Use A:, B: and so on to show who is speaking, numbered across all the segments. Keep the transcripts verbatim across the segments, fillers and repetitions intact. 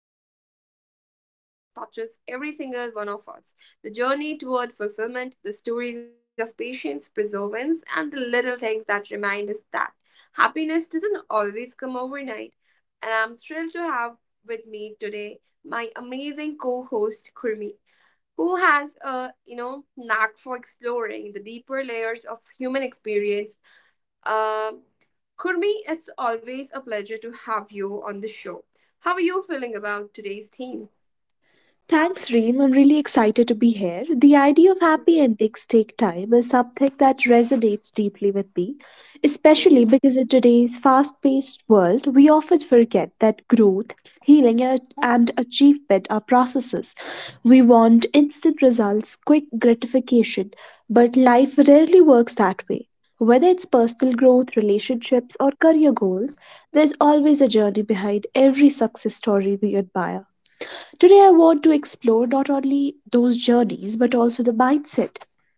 A: today we are diving into something that touches every single one of us, the journey toward fulfillment, the stories of patience, perseverance, and the little things that remind us that happiness doesn't always come overnight. And I'm thrilled to have with me today my amazing co host, Kurmi, who has a you know knack for exploring the deeper layers of human experience. Um, Kurmi, it's always a pleasure to have you on the show. How are you feeling about today's theme?
B: Thanks, Reem. I'm really excited to be here. The idea of happy endings take time is something that resonates deeply with me, especially
A: Mhm.
B: because in today's fast paced world, we often forget that growth, healing, a- and achievement are processes. We want instant results, quick gratification, but life rarely works that way. Whether it's personal growth, relationships, or career goals, there's always a journey behind every success story we admire. Today, I want to explore not only those journeys, but also the mindset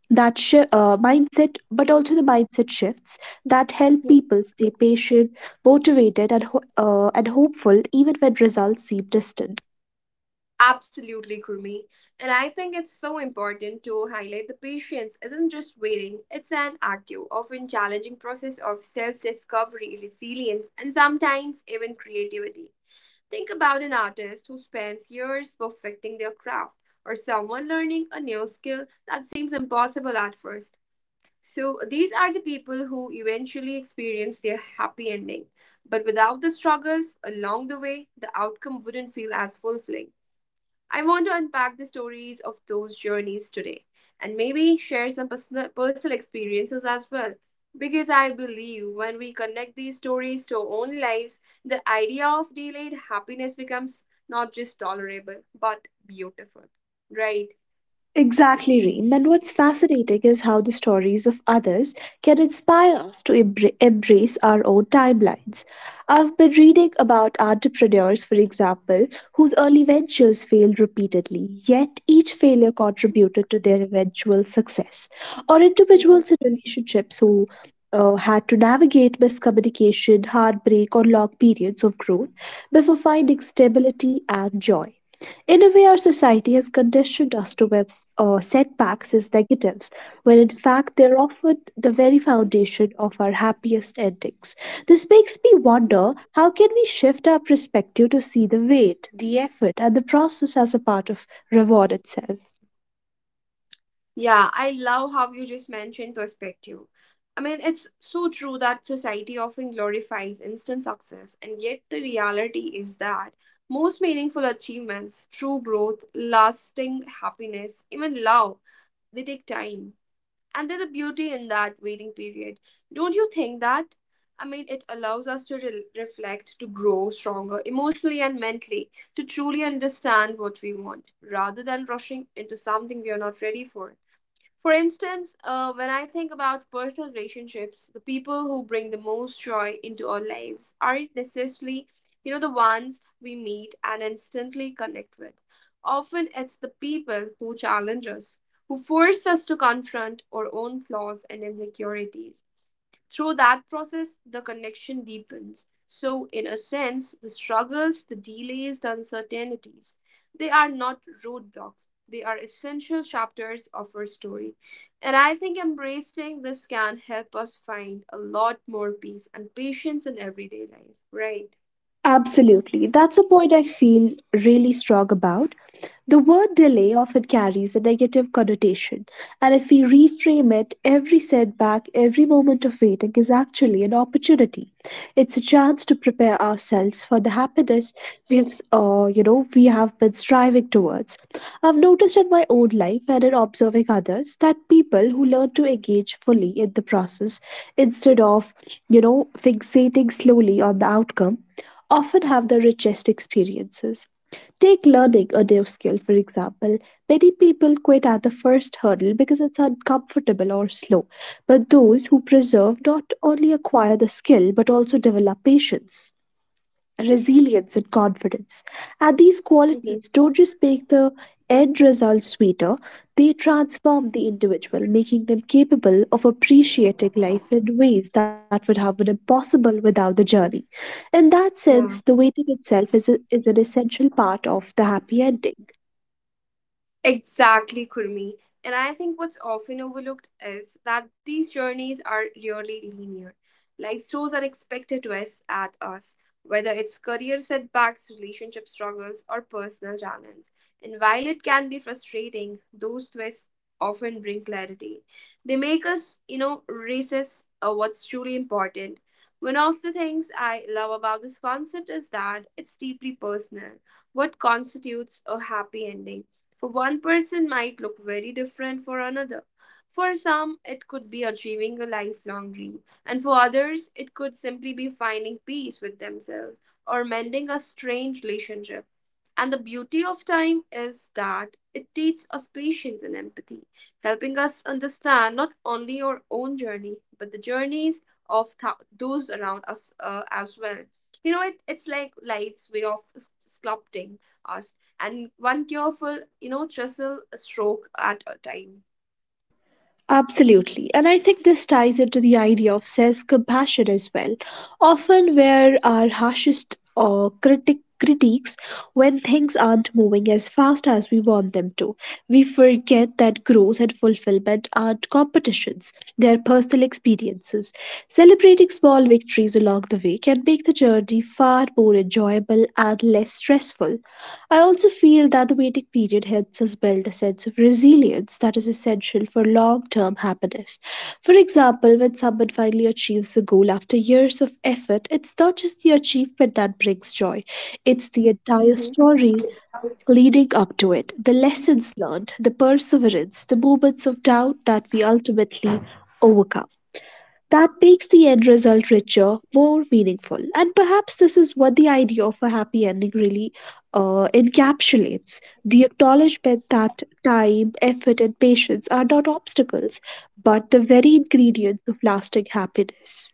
B: that shi uh, mindset, but also the mindset shifts that help people stay patient, motivated, and ho- uh, and hopeful even when results seem distant.
A: Absolutely, Kurmi. And I think it's so important to highlight the patience isn't just waiting, it's an active, often challenging process of self discovery, resilience, and sometimes even creativity. Think about an artist who spends years perfecting their craft, or someone learning a new skill that seems impossible at first. So, these are the people who eventually experience their happy ending. But without the struggles along the way, the outcome wouldn't feel as fulfilling. I want to unpack the stories of those journeys today and maybe share some personal, personal experiences as well. Because I believe when we connect these stories to our own lives, the idea of delayed happiness becomes not just tolerable but beautiful, right?
B: Exactly, Reem. And what's fascinating is how the stories of others can inspire us to embra- embrace our own timelines. I've been reading about entrepreneurs, for example, whose early ventures failed repeatedly, yet each failure contributed to their eventual success. Or individuals in relationships who uh, had to navigate miscommunication, heartbreak, or long periods of growth before finding stability and joy. In a way, our society has conditioned us to view uh, setbacks as negatives, when in fact they're often the very foundation of our happiest endings. This makes me wonder how can we shift our perspective to see the weight, the effort, and the process as a part of reward itself.
A: Yeah, I love how you just mentioned perspective. I mean, it's so true that society often glorifies instant success, and yet the reality is that most meaningful achievements, true growth, lasting happiness, even love, they take time. And there's a beauty in that waiting period. Don't you think that? I mean, it allows us to re- reflect, to grow stronger emotionally and mentally, to truly understand what we want, rather than rushing into something we are not ready for. For instance, uh, when I think about personal relationships, the people who bring the most joy into our lives aren't necessarily, you know, the ones we meet and instantly connect with. Often it's the people who challenge us, who force us to confront our own flaws and insecurities through that process, the connection deepens. So, in a sense, the struggles, the delays, the uncertainties, they are not roadblocks. They are essential chapters of our story. And I think embracing this can help us find a lot more peace and patience in everyday life, right?
B: Absolutely. That's a point I feel really strong about. The word delay often carries a negative connotation, and if we reframe it, every setback, every moment of waiting is actually an opportunity. It's a chance to prepare ourselves for the happiness we have, uh, you know, we have been striving towards. I've noticed in my own life and in observing others that people who learn to engage fully in the process instead of, you know, fixating slowly on the outcome often have the richest experiences. Take learning a new skill, for example. Many people quit at the first hurdle because it's uncomfortable or slow. But those who persevere not only acquire the skill but also develop patience resilience and confidence. And these qualities don't just make the end result sweeter, they transform the individual, making them capable of appreciating life in ways that would have been impossible without the journey. In that sense, the
A: Yeah.
B: waiting itself is, a, is an essential part of the happy ending.
A: Exactly, Kurmi. And I think what's often overlooked is that these journeys are really linear. Life throws unexpected twists at us, whether it's career setbacks, relationship struggles, or personal challenges. And while it can be frustrating, those twists often bring clarity. They make us, you know, resist uh, what's truly important. One of the things I love about this concept is that it's deeply personal. What constitutes a happy ending? For one person might look very different for another. For some, it could be achieving a lifelong dream, and for others, it could simply be finding peace with themselves or mending a strange relationship. And the beauty of time is that it teaches us patience and empathy, helping us understand not only our own journey, but the journeys of th- those around us uh, as well. You know, it, it's like life's way of s- sculpting us and one careful, you know, trestle stroke at a time.
B: Absolutely. And I think this ties into the idea of self compassion as well. Often, where our harshest uh, critic critiques when things aren't moving as fast as we want them to we forget that growth and fulfillment aren't competitions. They are personal experiences. Celebrating small victories along the way can make the journey far more enjoyable and less stressful. I also feel that the waiting period helps us build a sense of resilience that is essential for long term happiness. For example, when someone finally achieves the goal after years of effort, it's not just the achievement that brings joy, it's the entire story leading up to it, the lessons learned, the perseverance, the moments of doubt that we ultimately overcome. That makes the end result richer, more meaningful. And perhaps this is what the idea of a happy ending really uh, encapsulates the acknowledgement that time, effort, and patience are not obstacles, but the very ingredients of lasting happiness.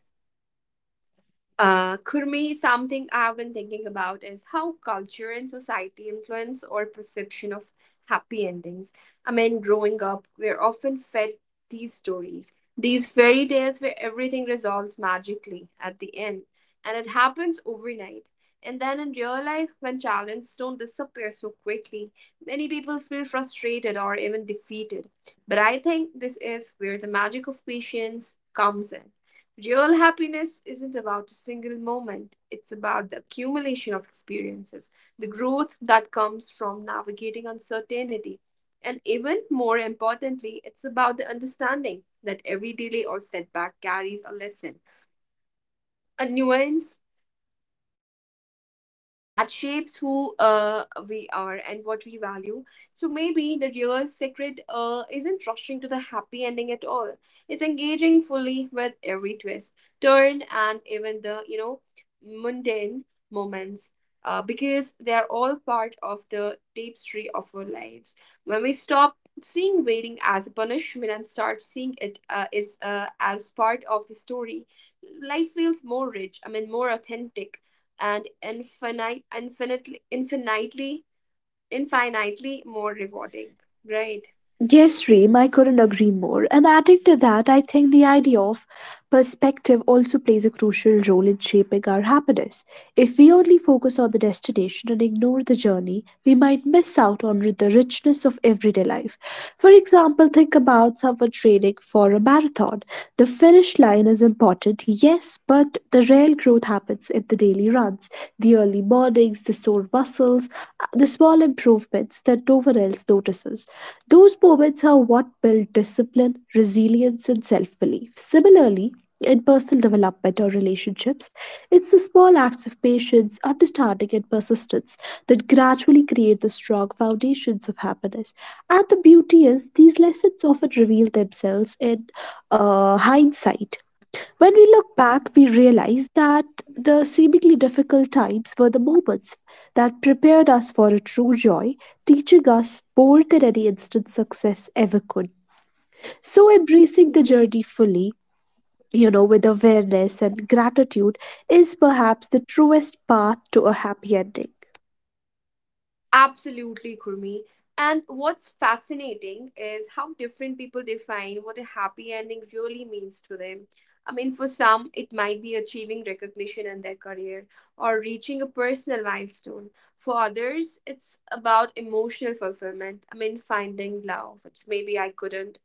A: Uh, Kurmi, something I've been thinking about is how culture and society influence our perception of happy endings. I mean, growing up, we're often fed these stories, these fairy tales where everything resolves magically at the end, and it happens overnight. And then in real life, when challenges don't disappear so quickly, many people feel frustrated or even defeated. But I think this is where the magic of patience comes in. Real happiness isn't about a single moment, it's about the accumulation of experiences, the growth that comes from navigating uncertainty. And even more importantly, it's about the understanding that every delay or setback carries a lesson, a nuance that shapes who uh, we are and what we value. So maybe the real secret uh, isn't rushing to the happy ending at all. It's engaging fully with every twist, turn, and even the you know mundane moments. Uh, because they are all part of the tapestry of our lives. When we stop seeing waiting as a punishment and start seeing it uh, is uh, as part of the story, life feels more rich. I mean, more authentic and infinite infinitely infinitely infinitely more rewarding, right?
B: Yes, Reem, I couldn't agree more. And adding to that, I think the idea of perspective also plays a crucial role in shaping our happiness. If we only focus on the destination and ignore the journey, we might miss out on the richness of everyday life. For example, think about someone training for a marathon. The finish line is important, yes, but the real growth happens in the daily runs, the early mornings, the sore muscles, uh, the small improvements that no one else notices. Those moments are what build discipline, resilience, and self belief. Similarly, in personal development or relationships, it's the small acts of patience, understanding, and persistence that gradually create the strong foundations of happiness. And the beauty is, these lessons often reveal themselves in uh, hindsight when we look back, we realize that the seemingly difficult times were the moments that prepared us for a true joy, teaching us more than any instant success ever could. So, embracing the
A: Mm-hmm.
B: journey fully, you know, with awareness and gratitude, is perhaps the truest path to a happy ending.
A: Absolutely, Kurmi. And what's fascinating is how different people define what a happy ending really means to them. I mean, for some, it might be achieving recognition in their career or reaching a personal milestone. For others, it's about emotional fulfillment. I mean, finding love, which maybe I couldn't,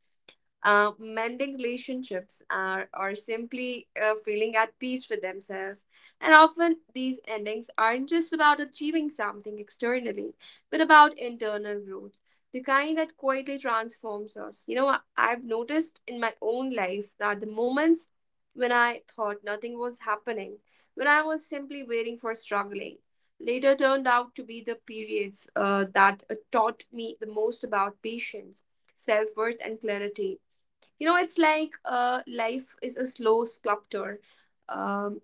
A: uh, mending relationships are, or simply uh, feeling at peace with themselves. And often these endings aren't just about achieving something externally, but about internal growth, the kind that quietly transforms us. You know, I- I've noticed in my own life that the moments when I thought nothing was happening, when I was simply waiting for struggling, later turned out to be the periods uh, that uh, taught me the most about patience, self worth, and clarity. You know, it's like uh, life is a slow sculptor. um,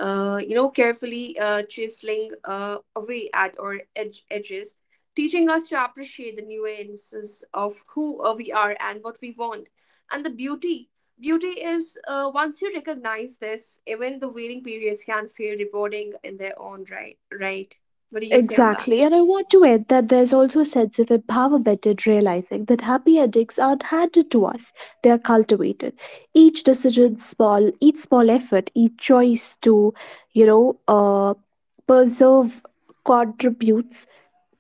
A: uh, you know, carefully uh, chiseling uh, away at our edge- edges, teaching us to appreciate the nuances of who uh, we are and what we want. And the beauty beauty is, uh, once you recognize this, even the waiting periods can feel rewarding in their own right, right? What do you say on that?
B: Exactly, and I want to add that there's also a sense of empowerment in realizing that happy endings aren't handed to us, they are cultivated. Each decision, small, each small effort, each choice to, you know, uh, preserve contributes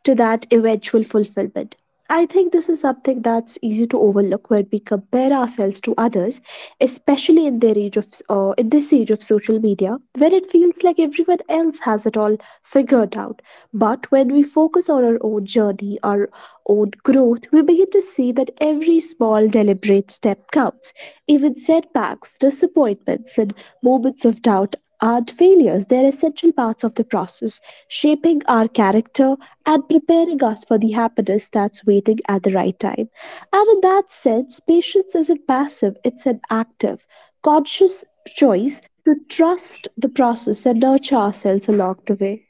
B: to that eventual fulfillment. I think this is something that's easy to overlook when we compare ourselves to others, especially in their age of uh, in this age of social media, where it feels like everyone else has it all figured out. But when we focus on our own journey, our own growth, we begin to see that every small deliberate step counts. Even setbacks, disappointments, and moments of doubt aren't failures, they're essential parts of the process, shaping our character and preparing us for the happiness that's waiting at the right time. And in that sense, patience isn't passive, it's an active, conscious choice to trust the process and nurture ourselves along the way.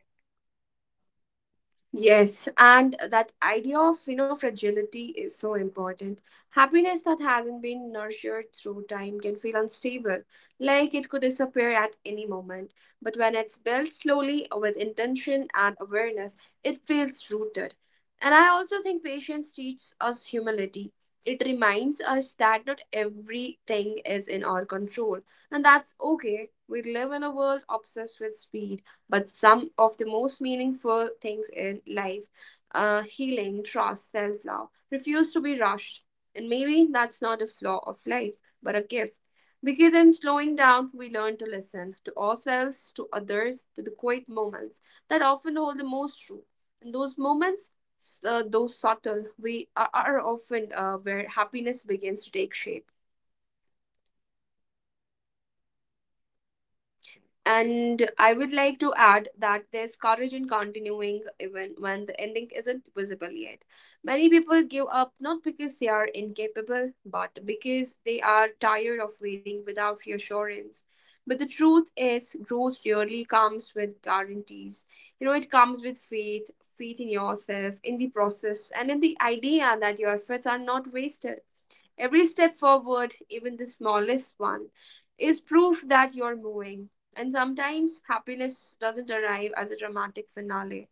A: Yes, and that idea of you know fragility is so important. Happiness that hasn't been nurtured through time can feel unstable, like it could disappear at any moment. But when it's built slowly, uh, with intention and awareness, it feels rooted. And I also think patience teaches us humility. It reminds us that not everything is in our control, and that's okay. We live in a world obsessed with speed, but some of the most meaningful things in life, uh, healing, trust, self love, refuse to be rushed. And maybe that's not a flaw of life, but a gift. Because in slowing down, we learn to listen to ourselves, to others, to the quiet moments that often hold the most truth. And those moments, s- uh, though subtle, we are, are often uh, where happiness begins to take shape. And I would like to add that there's courage in continuing even when the ending isn't visible yet. Many people give up not because they are incapable, but because they are tired of waiting without reassurance. But the truth is, growth rarely comes with guarantees. You know, it comes with faith, faith in yourself, in the process, and in the idea that your efforts are not wasted. Every step forward, even the smallest one, is proof that you're moving. And sometimes happiness doesn't arrive as a dramatic finale.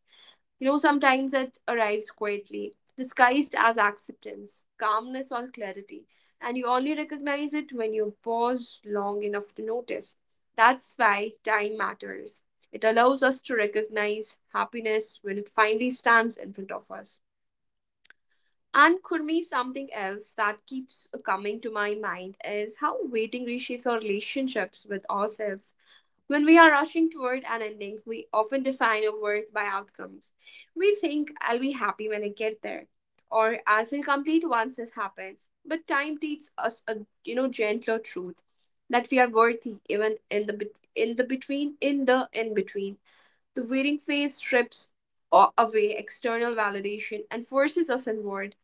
A: You know, sometimes it arrives quietly, disguised as acceptance, calmness, or clarity. And you only recognize it when you pause long enough to notice. That's why time matters. It allows us to recognize happiness when it finally stands in front of us. And Kurmi, something else that keeps coming to my mind is how waiting reshapes our relationships with ourselves. When we are rushing toward an ending, we often define our worth by outcomes. We think, I'll be happy when I get there, or I'll feel complete once this happens. But time teaches us a you know gentler truth, that we are worthy even in the bet- in the between in the in between. The waiting phase strips a- away external validation and forces us inward.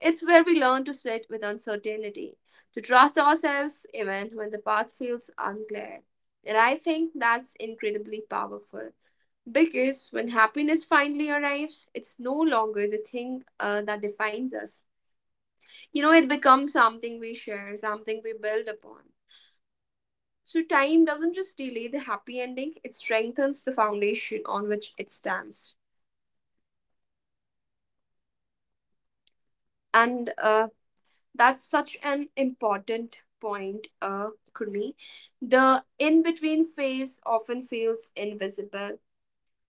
A: It's where we learn to sit with uncertainty, to trust ourselves even when the path feels unclear. And I think that's incredibly powerful because when happiness finally arrives, it's no longer the thing uh, that defines us. You know, it becomes something we share, something we build upon. So, time doesn't just delay the happy ending, it strengthens the foundation on which it stands. And uh, that's such an important point, uh Kurmi. The in-between phase often feels invisible,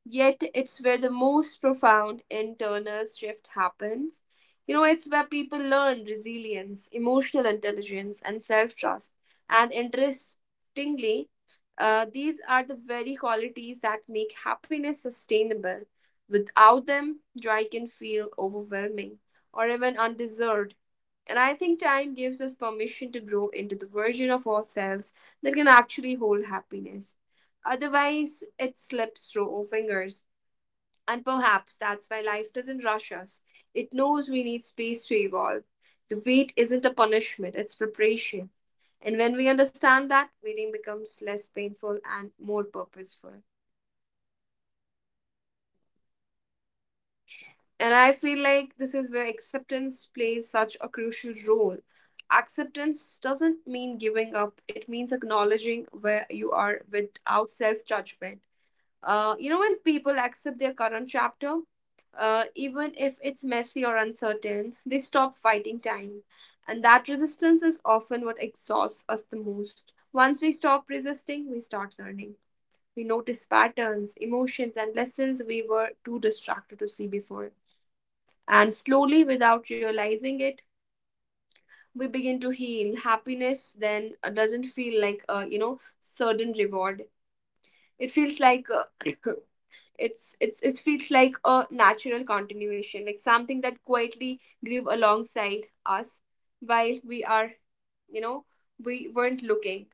A: yet it's where the most profound internal shift happens. You know, it's where people learn resilience, emotional intelligence, and self-trust. And interestingly, uh, these are the very qualities that make happiness sustainable. Without them, joy can feel overwhelming or even undeserved. And I think time gives us permission to grow into the version of ourselves that can actually hold happiness. Otherwise, it slips through our fingers. And perhaps that's why life doesn't rush us. It knows we need space to evolve. The wait isn't a punishment, it's preparation. And when we understand that, waiting becomes less painful and more purposeful. And I feel like this is where acceptance plays such a crucial role. Acceptance doesn't mean giving up, it means acknowledging where you are without self judgment. Uh, you know, when people accept their current chapter, uh, even if it's messy or uncertain, they stop fighting time. And that resistance is often what exhausts us the most. Once we stop resisting, we start learning. We notice patterns, emotions, and lessons we were too distracted to see before. And slowly, without realizing it, we begin to heal. Happiness then uh, doesn't feel like a you know certain reward. It feels like uh, it's it's it feels like a natural continuation, like something that quietly grew alongside us while we are you know we weren't looking.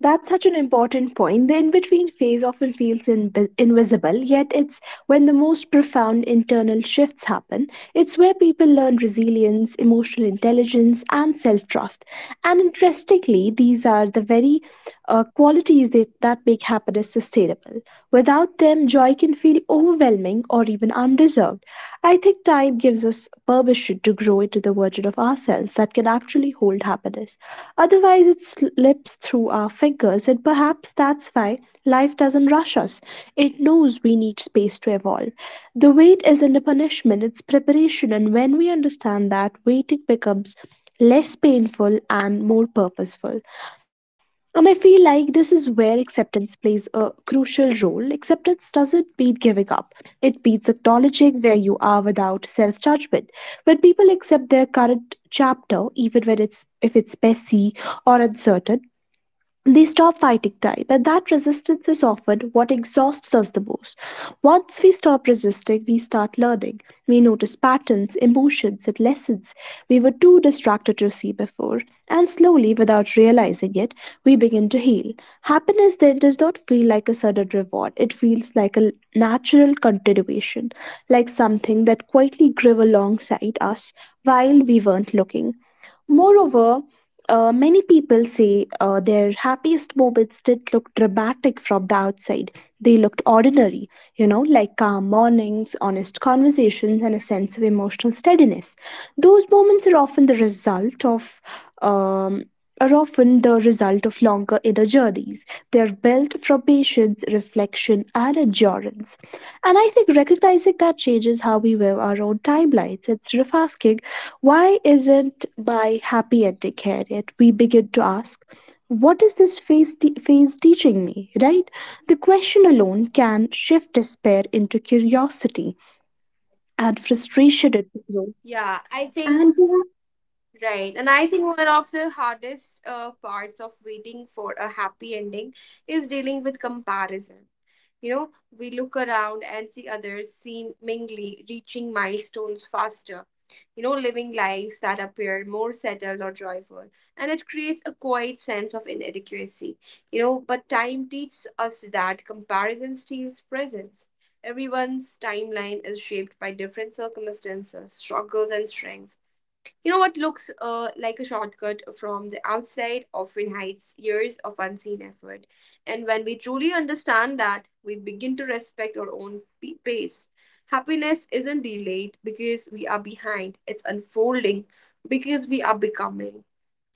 B: That's such an important point. The in between phase often feels invi- invisible, yet, it's when the most profound internal shifts happen. It's where people learn resilience, emotional intelligence, and self trust. And interestingly, these are the very uh, qualities that, that make happiness sustainable. Without them, joy can feel overwhelming or even undeserved. I think time gives us permission to grow into the version of ourselves that can actually hold happiness. Otherwise, it slips through our fingers, and perhaps that's why life doesn't rush us. It knows we need space to evolve. The wait isn't a punishment, it's preparation, and when we understand that, waiting becomes less painful and more purposeful. And I feel like this is where acceptance plays a crucial role. Acceptance doesn't mean giving up, it means acknowledging where you are without self judgment. When people accept their current chapter, even when it's if it's messy or uncertain, they stop fighting time, and that resistance is often what exhausts us the most. Once we stop resisting, we start learning. We notice patterns, emotions, and lessons we were too distracted to see before, and slowly, without realizing it, we begin to heal. Happiness then does not feel like a sudden reward, it feels like a natural continuation, like something that quietly grew alongside us while we weren't looking. Moreover, uh, many people say uh, their happiest moments didn't look dramatic from the outside. They looked ordinary, you know, like calm mornings, honest conversations, and a sense of emotional steadiness. Those moments are often the result of. Um, are often the result of longer inner journeys. They are built from patience, reflection, and endurance. And I think recognizing that changes how we live our own timelines. Instead of asking, why isn't my happy ending here yet? We begin to ask, what is this phase, te- phase teaching me, right? The question alone can shift despair into curiosity and frustration into growth.
A: Yeah, I think
B: And
A: right, and I think one of the hardest uh, parts of waiting for a happy ending is dealing with comparison. You know, we look around and see others seemingly reaching milestones faster, you know, living lives that appear more settled or joyful. And it creates a quiet sense of inadequacy, you know, but time teaches us that comparison steals presence. Everyone's timeline is shaped by different circumstances, struggles, and strengths. You know, what looks uh, like a shortcut from the outside often hides years of unseen effort. And when we truly understand that, we begin to respect our own p- pace. Happiness isn't delayed because we are behind, it's unfolding because we are becoming.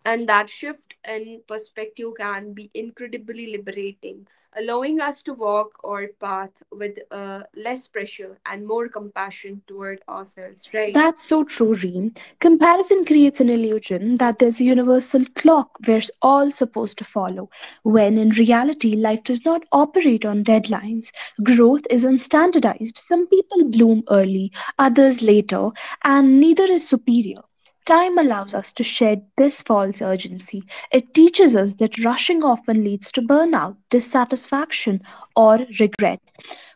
A: And that shift in perspective can be incredibly liberating, allowing us to walk our path with uh, less pressure and more compassion toward ourselves, right?
B: That's so true, Reem. Comparison creates an illusion that there's a universal clock we're all supposed to follow, when in reality, life does not operate on deadlines. Growth is unstandardized. Some people bloom early, others later, and neither is superior. Time allows us to shed this false urgency. It teaches us that rushing often leads to burnout, dissatisfaction, or regret.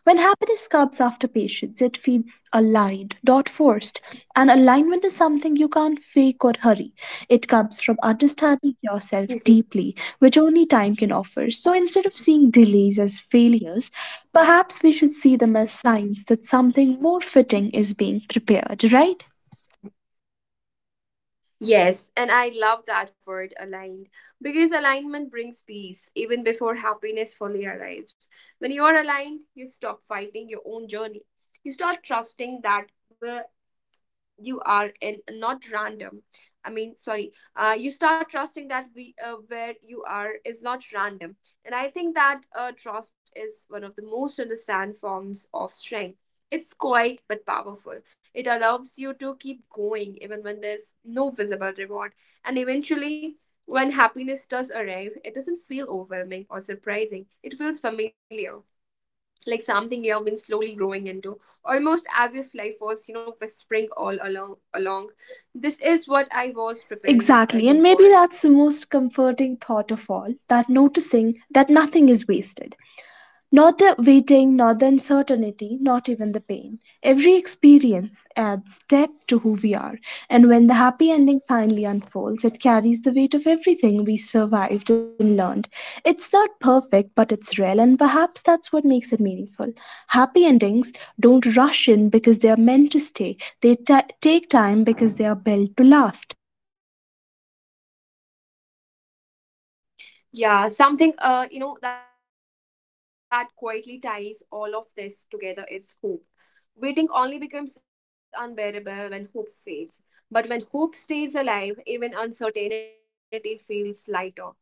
B: When happiness comes after patience, it feels aligned, not forced. And alignment is something you can't fake or hurry. It comes from understanding yourself deeply, which only time can offer. So instead of seeing delays as failures, perhaps we should see them as signs that something more fitting is being prepared, right?
A: Yes, and I love that word aligned because alignment brings peace even before happiness fully arrives. When you are aligned, you stop fighting your own journey. You start trusting that, "Well, you are in not random I mean sorry uh, you start trusting that we uh, where you are is not random. And I think that uh, trust is one of the most understand forms of strength. It's quiet but powerful. It allows you to keep going even when there's no visible reward. And eventually, when happiness does arrive, it doesn't feel overwhelming or surprising, it feels familiar, like something you have been slowly growing into, almost as if life was you know whispering all along along, "This is what I was preparing
B: Exactly,
A: uh,
B: and
A: you
B: maybe
A: for,"
B: that's the most
A: right?
B: comforting thought of all that noticing that nothing is wasted. Not the waiting, not the uncertainty, not even the pain. Every experience adds depth to who we are, and when the happy ending finally unfolds, it carries the weight of everything we survived and learned. It's not perfect, but it's real, and perhaps that's what makes it meaningful. Happy endings don't rush in because they are meant to stay, they ta take time because they are built to last.
A: Yeah, something uh you know that quietly ties all of this together is hope. Waiting only becomes unbearable when hope fades, but when hope stays alive, even uncertainty feels lighter.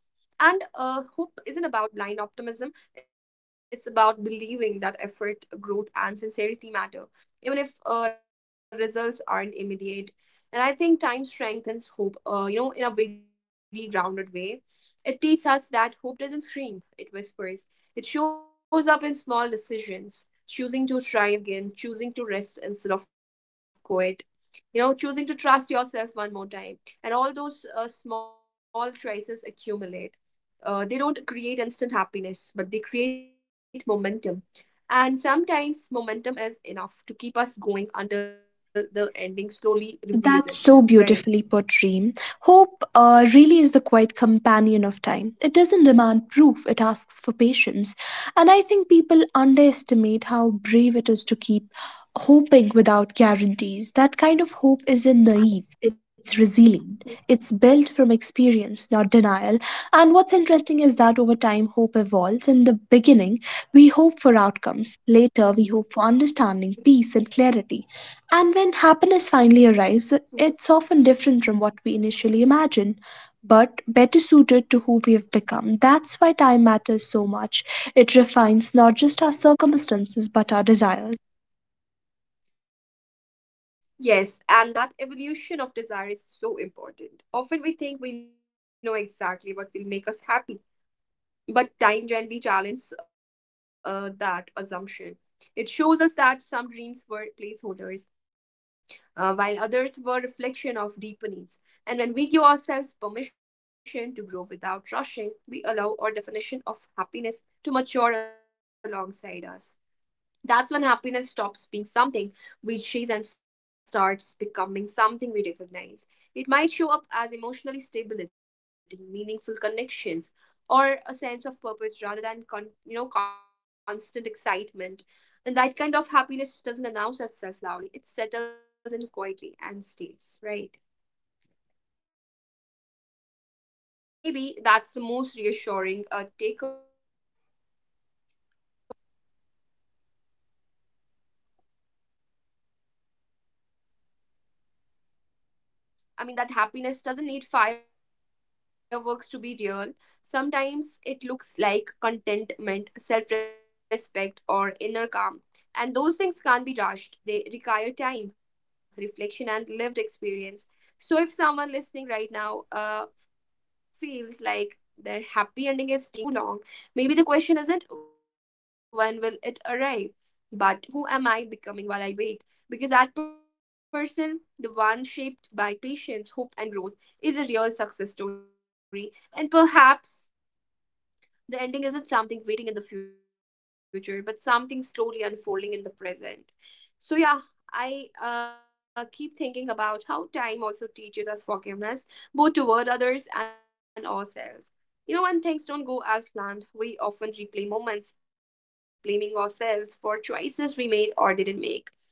A: And uh, hope isn't about blind optimism, it's about believing that effort, growth, and sincerity matter, even if uh, results aren't immediate. And I think time strengthens hope, uh, you know, in a very grounded way. It teaches us that hope doesn't scream, it whispers. It shows up in small decisions: choosing to try again, choosing to rest instead of quit, you know, choosing to trust yourself one more time. And all those uh, small choices accumulate. Uh, they don't create instant happiness, but they create momentum. And sometimes momentum is enough to keep us going until the ending slowly reveals
B: That's so
A: itself,
B: beautifully
A: right?
B: put, Reem. Hope uh, really is the quiet companion of time. It doesn't demand proof, it asks for patience. And I think people underestimate how brave it is to keep hoping without guarantees. That kind of hope isn't naive, it's resilient. It's built from
A: Mm.
B: experience, not denial. And what's interesting is that over time, hope evolves. In the beginning, we hope for outcomes. Later, we hope for understanding, peace, and clarity. And when happiness finally arrives, it's often different from what we initially imagine, but better suited to who we have become. That's why time matters so much. It refines not just our circumstances, but our desires.
A: Yes, and that evolution of desire is so important. Often we think we know exactly what will make us happy, but time gently challenges uh, that assumption. It shows us that some dreams were placeholders, uh, while others were reflection of deeper needs. And when we give ourselves permission to grow without rushing, we allow our definition of happiness to mature alongside us. That's when happiness stops being something we chase and starts becoming something we recognize. It might show up as emotionally stability, meaningful connections, or a sense of purpose rather than con- you know constant excitement. And that kind of happiness doesn't announce itself loudly. It settles in quietly and stays, right? And uh, uh, Maybe that's the most reassuring uh, takeaway that uh, you know I mean, that happiness doesn't need fireworks to be real. Sometimes it looks like contentment, self respect, or inner calm. And those things can't be rushed. They require time, reflection, and lived experience. So, if someone listening right now uh, feels like their happy ending is taking too long, maybe the question isn't when will it arrive, but who am I becoming while I wait? Because that person, the one shaped by patience, hope, and growth, is a real success story. And perhaps the ending isn't something waiting in the future, but something slowly unfolding in the present. So yeah, I uh, keep thinking about how time also teaches us forgiveness, both toward others and ourselves. You know, when things don't go as planned, we often replay moments, blaming ourselves for choices we made or didn't make.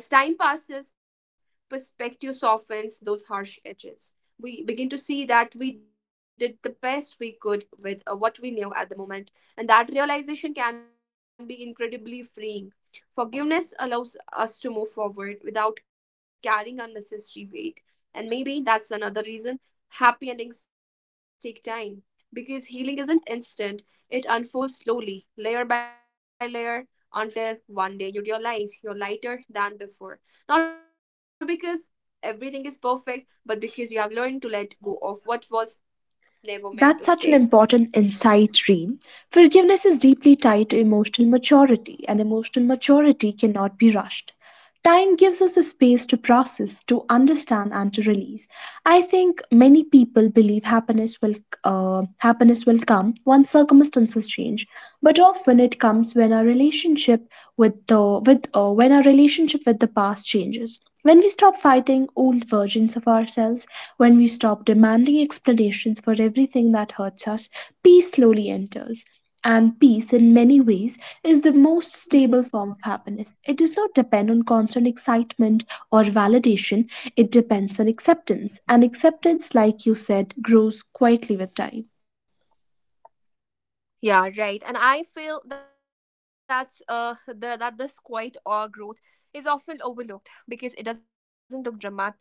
A: But as time passes, perspective softens those harsh edges. We begin to see that we did the best we could with uh, what we knew at the moment, and that realization can be incredibly freeing. Forgiveness allows us to move forward without carrying unnecessary weight. And maybe that's another reason happy endings take time, because healing isn't instant, it unfolds slowly, layer by layer, until one day you realize you're lighter than before. Not because everything is perfect, but because you have learned to let go of what was never meant to
B: That's such an
A: stay.
B: important insight, Reem. Forgiveness is deeply tied to emotional maturity, and emotional maturity cannot be rushed. Time gives us the space to process, to understand, and to release. I think many people believe happiness will uh, happiness will come once circumstances change, but often it comes when our relationship with the with uh, when our relationship with the past changes, when we stop fighting old versions of ourselves, when we stop demanding explanations for everything that hurts us. Peace slowly enters, and peace in many ways is the most stable form of happiness. It does not depend on constant excitement or validation. It depends on acceptance, and acceptance, like you said, grows quietly with time.
A: Yeah, right. And I feel that's uh the, that this quiet awe growth is often overlooked because it doesn't look dramatic.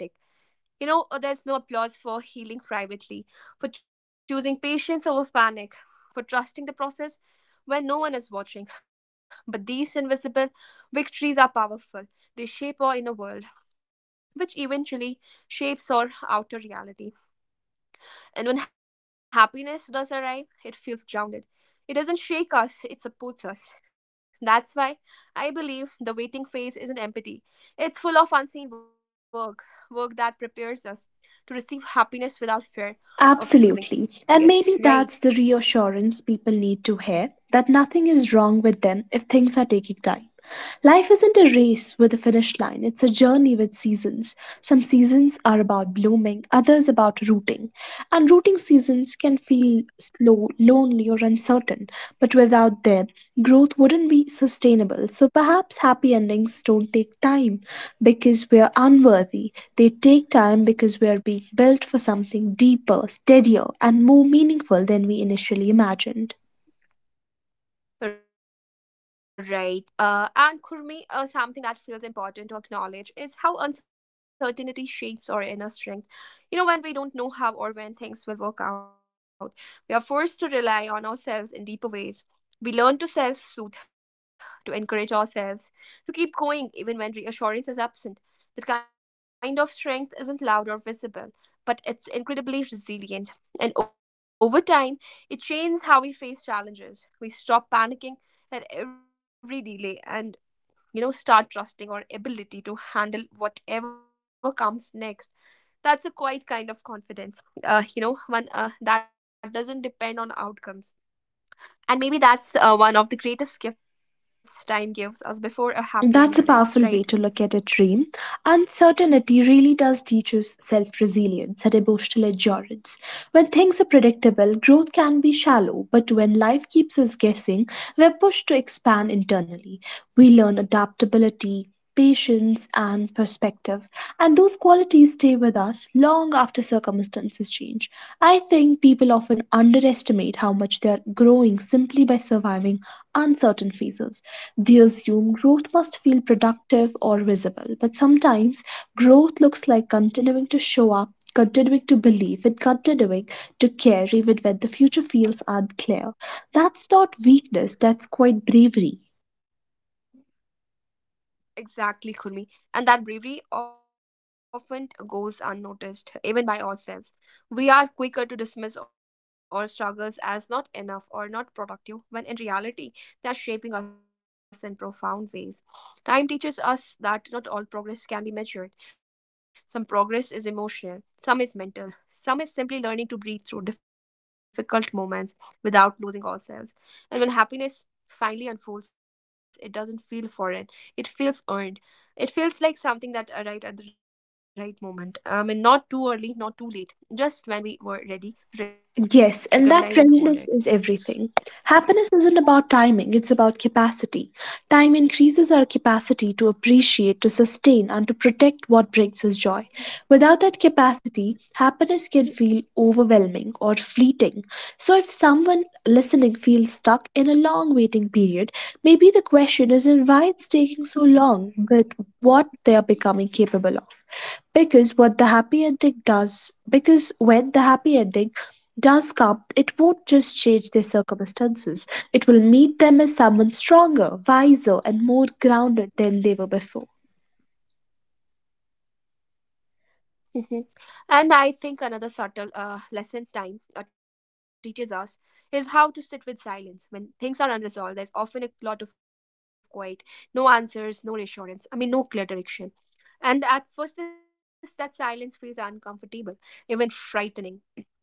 A: You know, uh, there's no applause for healing privately, for choosing patience over panic, for trusting the process when no one is watching. But these invisible victories are powerful. They shape our inner world, which eventually shapes our outer reality. And when happiness does arrive, it feels grounded. It doesn't shake us, it supports us. That's why I believe the waiting phase isn't empty. It's full of unseen work, work that prepares us to receive happiness without fear of
B: Absolutely.
A: losing it,
B: And maybe
A: right?
B: that's the reassurance people need to hear, that nothing is wrong with them if things are taking time. Life isn't a race with a finish line, it's a journey with seasons. Some seasons are about blooming, others about rooting. And rooting seasons can feel slow, lonely, or uncertain. But without them, growth wouldn't be sustainable. So perhaps happy endings don't take time because we're unworthy. They take time because we're being built for something deeper, steadier, and more meaningful than we initially imagined.
A: Right. Uh, and Kurmi, uh, something that feels important to acknowledge is how uncertainty shapes our inner strength. You know, when we don't know how or when things will work out, we are forced to rely on ourselves in deeper ways. We learn to self soothe, to encourage ourselves, to keep going even when reassurance is absent. The kind of strength isn't loud or visible, but it's incredibly resilient. And over time, it changes how we face challenges. We stop panicking at every delay and you know start trusting our ability to handle whatever comes next. That's a quite kind of confidence, uh, you know one uh, that doesn't depend on outcomes. And maybe that's uh, one of the greatest gifts time gives us before a happy ending
B: That's a
A: arrives,
B: powerful way
A: right?
B: to look at it, Reem. Uncertainty really does teach us self resilience and emotional endurance. When things are predictable, growth can be shallow, but when life keeps us guessing, we're pushed to expand internally. We learn adaptability, patience, and perspective, and those qualities stay with us long after circumstances change. I think people often underestimate how much they are growing simply by surviving uncertain phases. They assume growth must feel productive or visible, but sometimes growth looks like continuing to show up, continuing to believe, and continuing to care even when the future feels unclear. That's not weakness, that's quite bravery.
A: Exactly, Kurmi. And that bravery often goes unnoticed, even by ourselves. We are quicker to dismiss our struggles as not enough or not productive, when in reality, they are shaping us in profound ways. Time teaches us that not all progress can be measured. Some progress is emotional, some is mental, some is simply learning to breathe through difficult moments without losing ourselves. And when happiness finally unfolds, it doesn't feel foreign. It feels earned. It feels like something that arrived at the right moment. I mean, not too early, not too late, just when we were ready
B: Yes,
A: to
B: and that
A: recognize and hold
B: readiness
A: it.
B: is everything. Happiness isn't about timing, it's about capacity. Time increases our capacity to appreciate, to sustain, and to protect what brings us joy. Without that capacity, happiness can feel overwhelming or fleeting. So, if someone listening feels stuck in a long waiting period, maybe the question isn't why it's taking so long, but what they are becoming capable of, because what the happy ending does because when the happy ending does come, it won't just change their circumstances. It will meet them as someone stronger, wiser, and more grounded than they were before.
A: Mhm. And I think another subtle uh, lesson time uh, teaches us is how to sit with silence. When things are unresolved, there's often a lot of quiet, no answers, no reassurance, I mean, no clear direction. And at first, this, that silence feels uncomfortable, even frightening.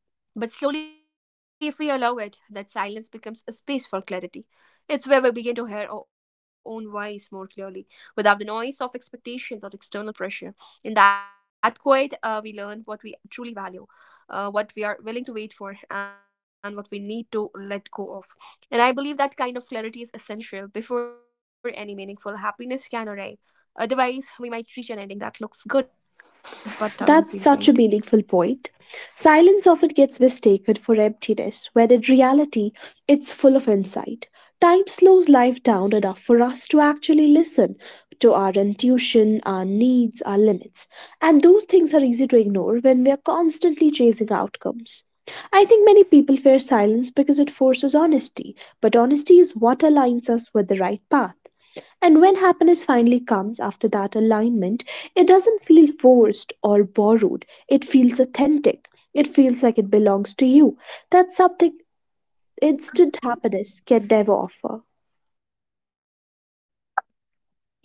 A: But slowly, if we allow it, that silence becomes a space for clarity. It's where we begin to hear our own voice more clearly, without the noise of expectations or external pressure. In that quiet, uh, we learn what we truly value, uh, what we are willing to wait for, and what we need to let go of. And I believe that kind of clarity is essential before any meaningful happiness can arrive. Otherwise, we might reach an ending that looks good but doesn't
B: That's
A: feel
B: such a
A: right.
B: meaningful point. Silence often gets mistaken for emptiness, when in reality, it's full of insight. Time slows life down enough for us to actually listen to our intuition, our needs, our limits. And those things are easy to ignore when we are constantly chasing outcomes. I think many people fear silence because it forces honesty, but honesty is what aligns us with the right path. And when happiness finally comes after that alignment, it doesn't feel forced or borrowed. It feels authentic. It feels like it belongs to you. That's something instant happiness can never offer.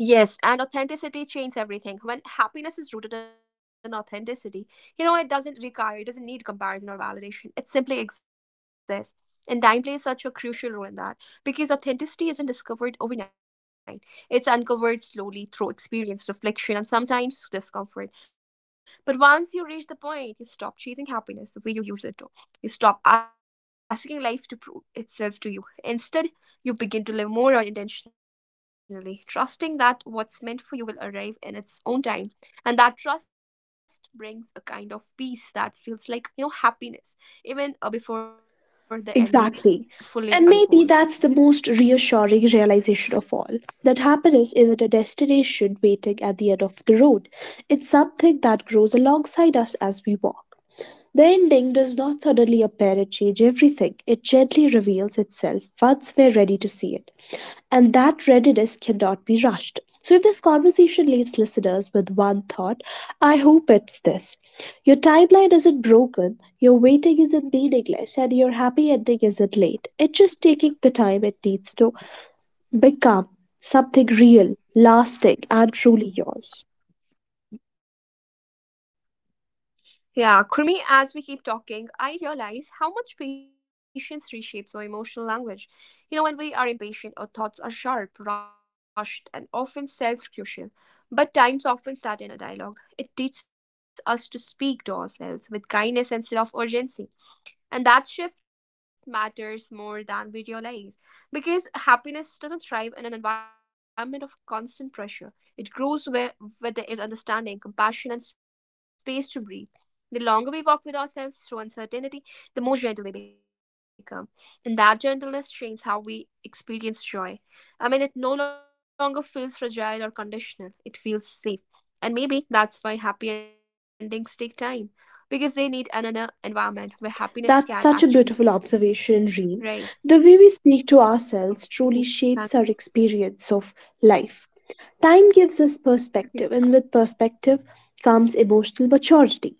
A: Yes, and authenticity changes everything. When happiness is rooted in authenticity, you know, it doesn't require, it doesn't need comparison or validation. It simply exists. And time plays such a crucial role in that because authenticity isn't discovered overnight. It's uncovered slowly through experience, reflection, and sometimes discomfort. But once you reach the point, you stop chasing happiness the way you use it to. You stop asking life to prove itself to you. Instead, you begin to live more intentionally, trusting that what's meant for you will arrive in its own time. And that trust brings a kind of peace that feels like, you know, happiness, even uh, before the ending
B: Exactly.
A: fully
B: And
A: unfolds.
B: maybe that's the most reassuring realization of all, that happiness isn't a destination waiting at the end of the road. It's something that grows alongside us as we walk. The ending does not suddenly appear to change everything. It gently reveals itself once we're ready to see it. And that readiness cannot be rushed. So, if this conversation leaves listeners with one thought, I hope it's this. Your timeline isn't broken, your waiting isn't meaningless, and your happy ending isn't late. It's just taking the time it needs to become something real, lasting, and truly yours.
A: Yeah, Kurmi, as we keep talking, I realize how much patience reshapes our emotional language. You know, when we are impatient, our thoughts are sharp, rushed, and often self crucial. But times often start in a dialogue. It teaches us to speak to ourselves with kindness instead of urgency. And that shift matters more than we realize because happiness doesn't thrive in an environment of constant pressure. It grows where, where there is understanding, compassion, and space to breathe. The longer we walk with ourselves through uncertainty, the more gentle we become. And that gentleness changes how we experience joy. I mean, it no longer feels fragile or conditional, it feels safe. And maybe that's why happy endings take time because they need another environment where
B: That's
A: happiness
B: such a
A: can
B: beautiful
A: actually stay.
B: observation,
A: Right.
B: Reem. The way we speak to ourselves truly shapes
A: Mhm.
B: our
A: Uh,
B: experience of life. Time gives us perspective, and
A: mhm,
B: with perspective comes emotional maturity.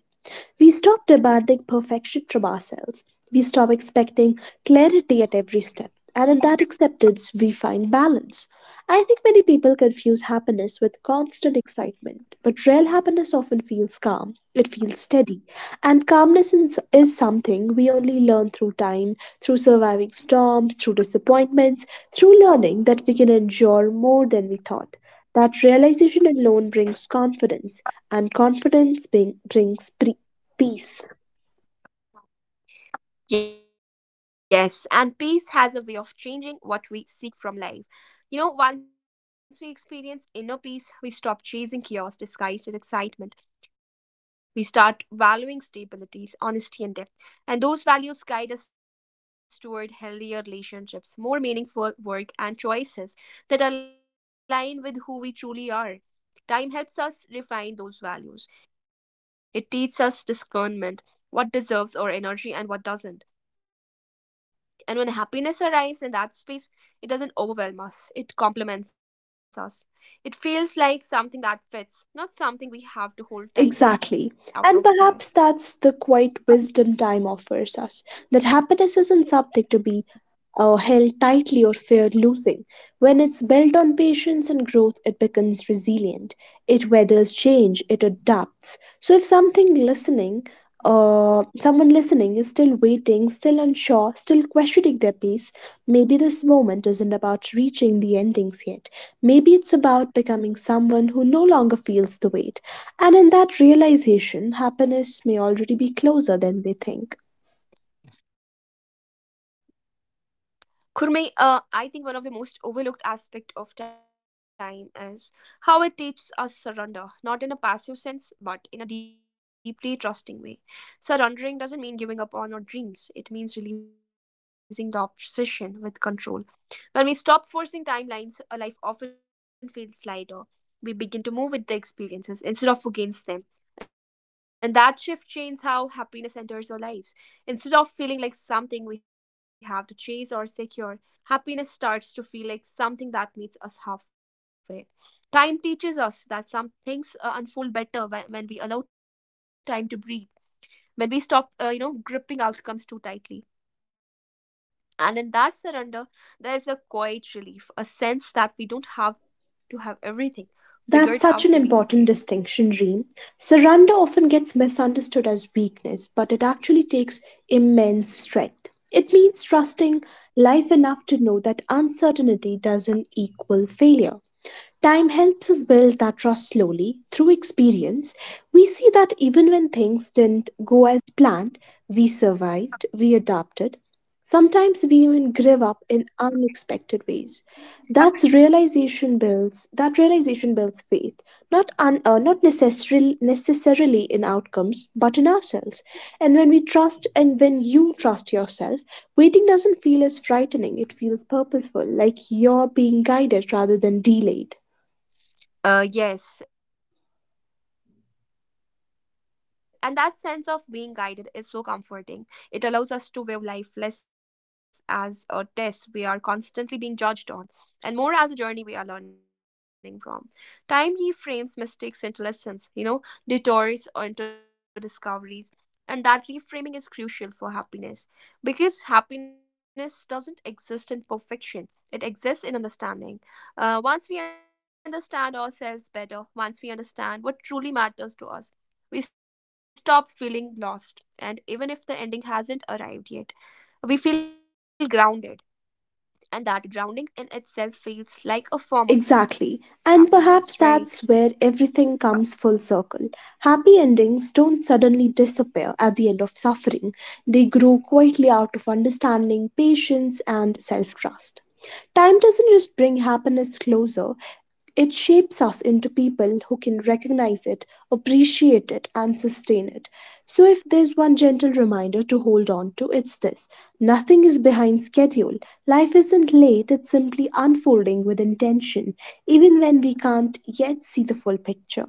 B: We stop demanding perfection from ourselves. We stop expecting clarity at every step. And in that
A: mhm,
B: acceptance, we find balance. I think many people confuse happiness with constant excitement, but real happiness often feels calm. It feels steady. And calmness is, is something
A: mhm.
B: we only learn through time, through surviving storms, through disappointments, through learning that we can endure more than we thought. That realization alone brings confidence, and confidence bring, brings pre- peace.
A: Yes, and peace has a way of changing what we seek from life. You know, once we experience inner peace, we stop chasing chaos disguised as excitement. We start valuing stabilities, honesty, and depth. And those values guide us toward healthier relationships, more meaningful work, and choices that align with who we truly are. Time helps us refine those values. It teaches us discernment, what deserves our energy and what doesn't. And when happiness arrives in that space, it doesn't overwhelm us, it complements us. It feels like something that fits, not something we have to hold
B: Exactly.
A: tightly out of
B: And
A: fear.
B: perhaps that's the quiet wisdom time offers us, that happiness isn't something to be uh, held tightly or feared losing. When it's built on patience and growth, it becomes resilient. It weathers change, it adapts. So, if something listening, uh, someone listening is still waiting, still unsure, still questioning their peace, maybe this moment isn't about reaching the endings yet. Maybe it's about becoming someone who no longer feels the weight. And in that realization, happiness may already be closer than they think.
A: Kurme, uh, I think one of the most overlooked aspect of time is how it teaches us surrender, not in a passive sense, but in a deeply trusting way. Surrendering doesn't mean giving up on our dreams. It means releasing the obsession with control when we stop forcing timelines, a life often feels lighter. We begin to move with the experiences instead of against them. And that shift changes how happiness enters our lives. Instead of feeling like something we have to chase or secure, happiness starts to feel like something that meets us halfway. Time teaches us that some things uh, unfold better when, when we allow time to breathe, when we stop, uh, you know, gripping outcomes too tightly. And in that surrender, there is a quiet relief, a sense that we don't have to have everything figured out to
B: That's
A: be
B: such an
A: okay.
B: important distinction, Reem. Surrender often gets misunderstood as weakness, but it actually takes immense strength. It means trusting life enough to know that uncertainty doesn't equal failure. Time helps us build that trust slowly through experience. We see that even when things didn't go as planned, we survived, we adapted. Sometimes we even give up in unexpected ways. That's realization builds. That realization builds faith, not un, uh, not necessarily necessarily in outcomes, but in ourselves. And when we trust, and when you trust yourself, waiting doesn't feel as frightening. It feels purposeful, like you're being guided rather than delayed.
A: Uh, yes, and that sense of being guided is so comforting. It allows us to view life less as a test we are constantly being judged on, and more as a journey we are learning from. Time reframes mistakes into lessons, you know, detours or into discoveries, and that reframing is crucial for happiness because happiness doesn't exist in perfection. It exists in understanding. Uh, once we understand ourselves better, once we understand what truly matters to us, we stop feeling lost. And even if the ending hasn't arrived yet, we feel grounded. And that grounding in itself feels like a form
B: Exactly.
A: of
B: And
A: happiness,
B: perhaps
A: right?
B: that's where everything comes full circle. Happy endings don't suddenly disappear at the end of suffering, they grow quietly out of understanding, patience, and self trust. Time doesn't just bring happiness closer, it shapes us into people who can recognize it, appreciate it, and sustain it. So, if there's one gentle reminder to hold on to, it's this. Nothing is behind schedule. Life isn't late, it's simply unfolding with intention, even when we can't yet see the full picture.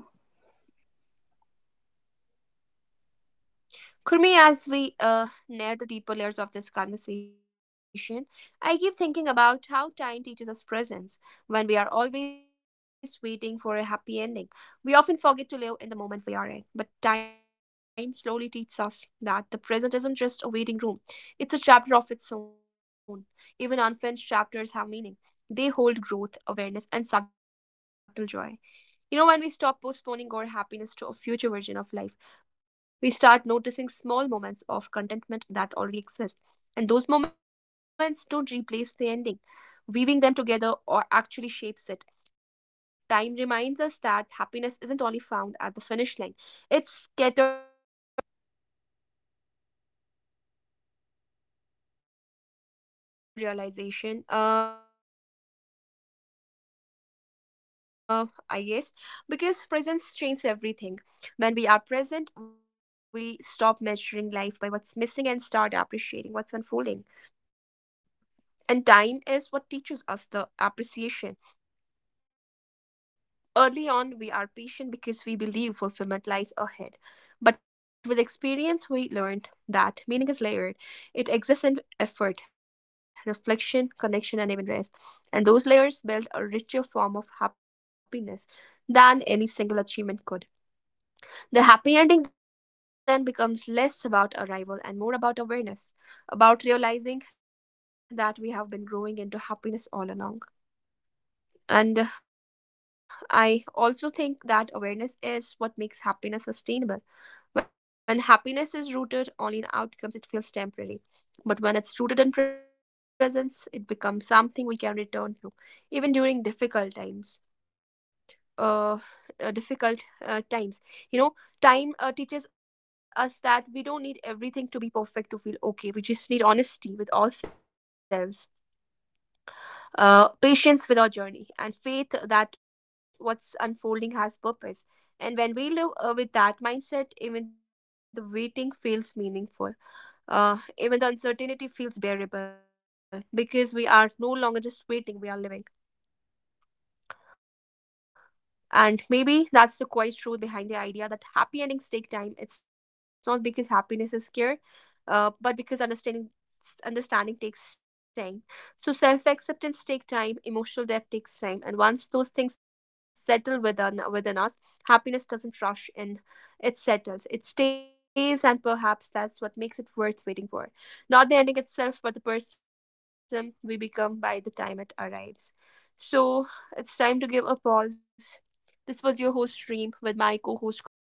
A: Kurmi, as we uh, near the deeper layers of this conversation, I keep thinking about how time teaches us presence. When we are always waiting for a happy ending, we often forget to live in the moment we are in. But time slowly teaches us that the present isn't just a waiting room, it's a chapter of its own. Even unfinished chapters have meaning, they hold growth, awareness, and subtle joy. You know, when we stop postponing our happiness to a future version of life, we start noticing small moments of contentment that already exist. And those moments don't replace the ending. Weaving them together or actually shapes it. Time reminds us that happiness isn't only found at the finish line, it's scattered quietly along the path, right? And uh, that's such a powerful realization uh, I guess, because presence changes everything. When we are present, we stop measuring life by what's missing and start appreciating what's unfolding, and time is what teaches us the appreciation. Early on, we are patient because we believe fulfillment lies ahead. But with experience, we learned that meaning is layered. It exists in effort, reflection, connection, and even rest. And those layers build a richer form of happiness than any single achievement could. The happy ending then becomes less about arrival and more about awareness, about realizing that we have been growing into happiness all along. And uh, I also think that awareness is what makes happiness sustainable. When happiness is rooted only in outcomes, it feels temporary. But when it's rooted in presence, it becomes something we can return to, even during difficult times. Uh, uh, difficult uh, Times. You know, time uh, teaches us that we don't need everything to be perfect to feel okay. We just need honesty with ourselves, uh, patience with our journey, and faith that what's unfolding has purpose. And when we live uh, with that mindset, even the waiting feels meaningful. Uh, even the uncertainty feels bearable because we are no longer just waiting, we are living. And maybe that's the quiet truth behind the idea that happy endings take time. It's not because happiness is scared, uh, but because understanding understanding takes time. So self acceptance takes time, emotional depth takes time, and once those things settle within within us, happiness doesn't rush in. It settles, it stays, and perhaps that's what makes it worth waiting for. Not the ending itself, but the person we become by the time it arrives. So it's time to give a pause. This was your host Reem with my co-host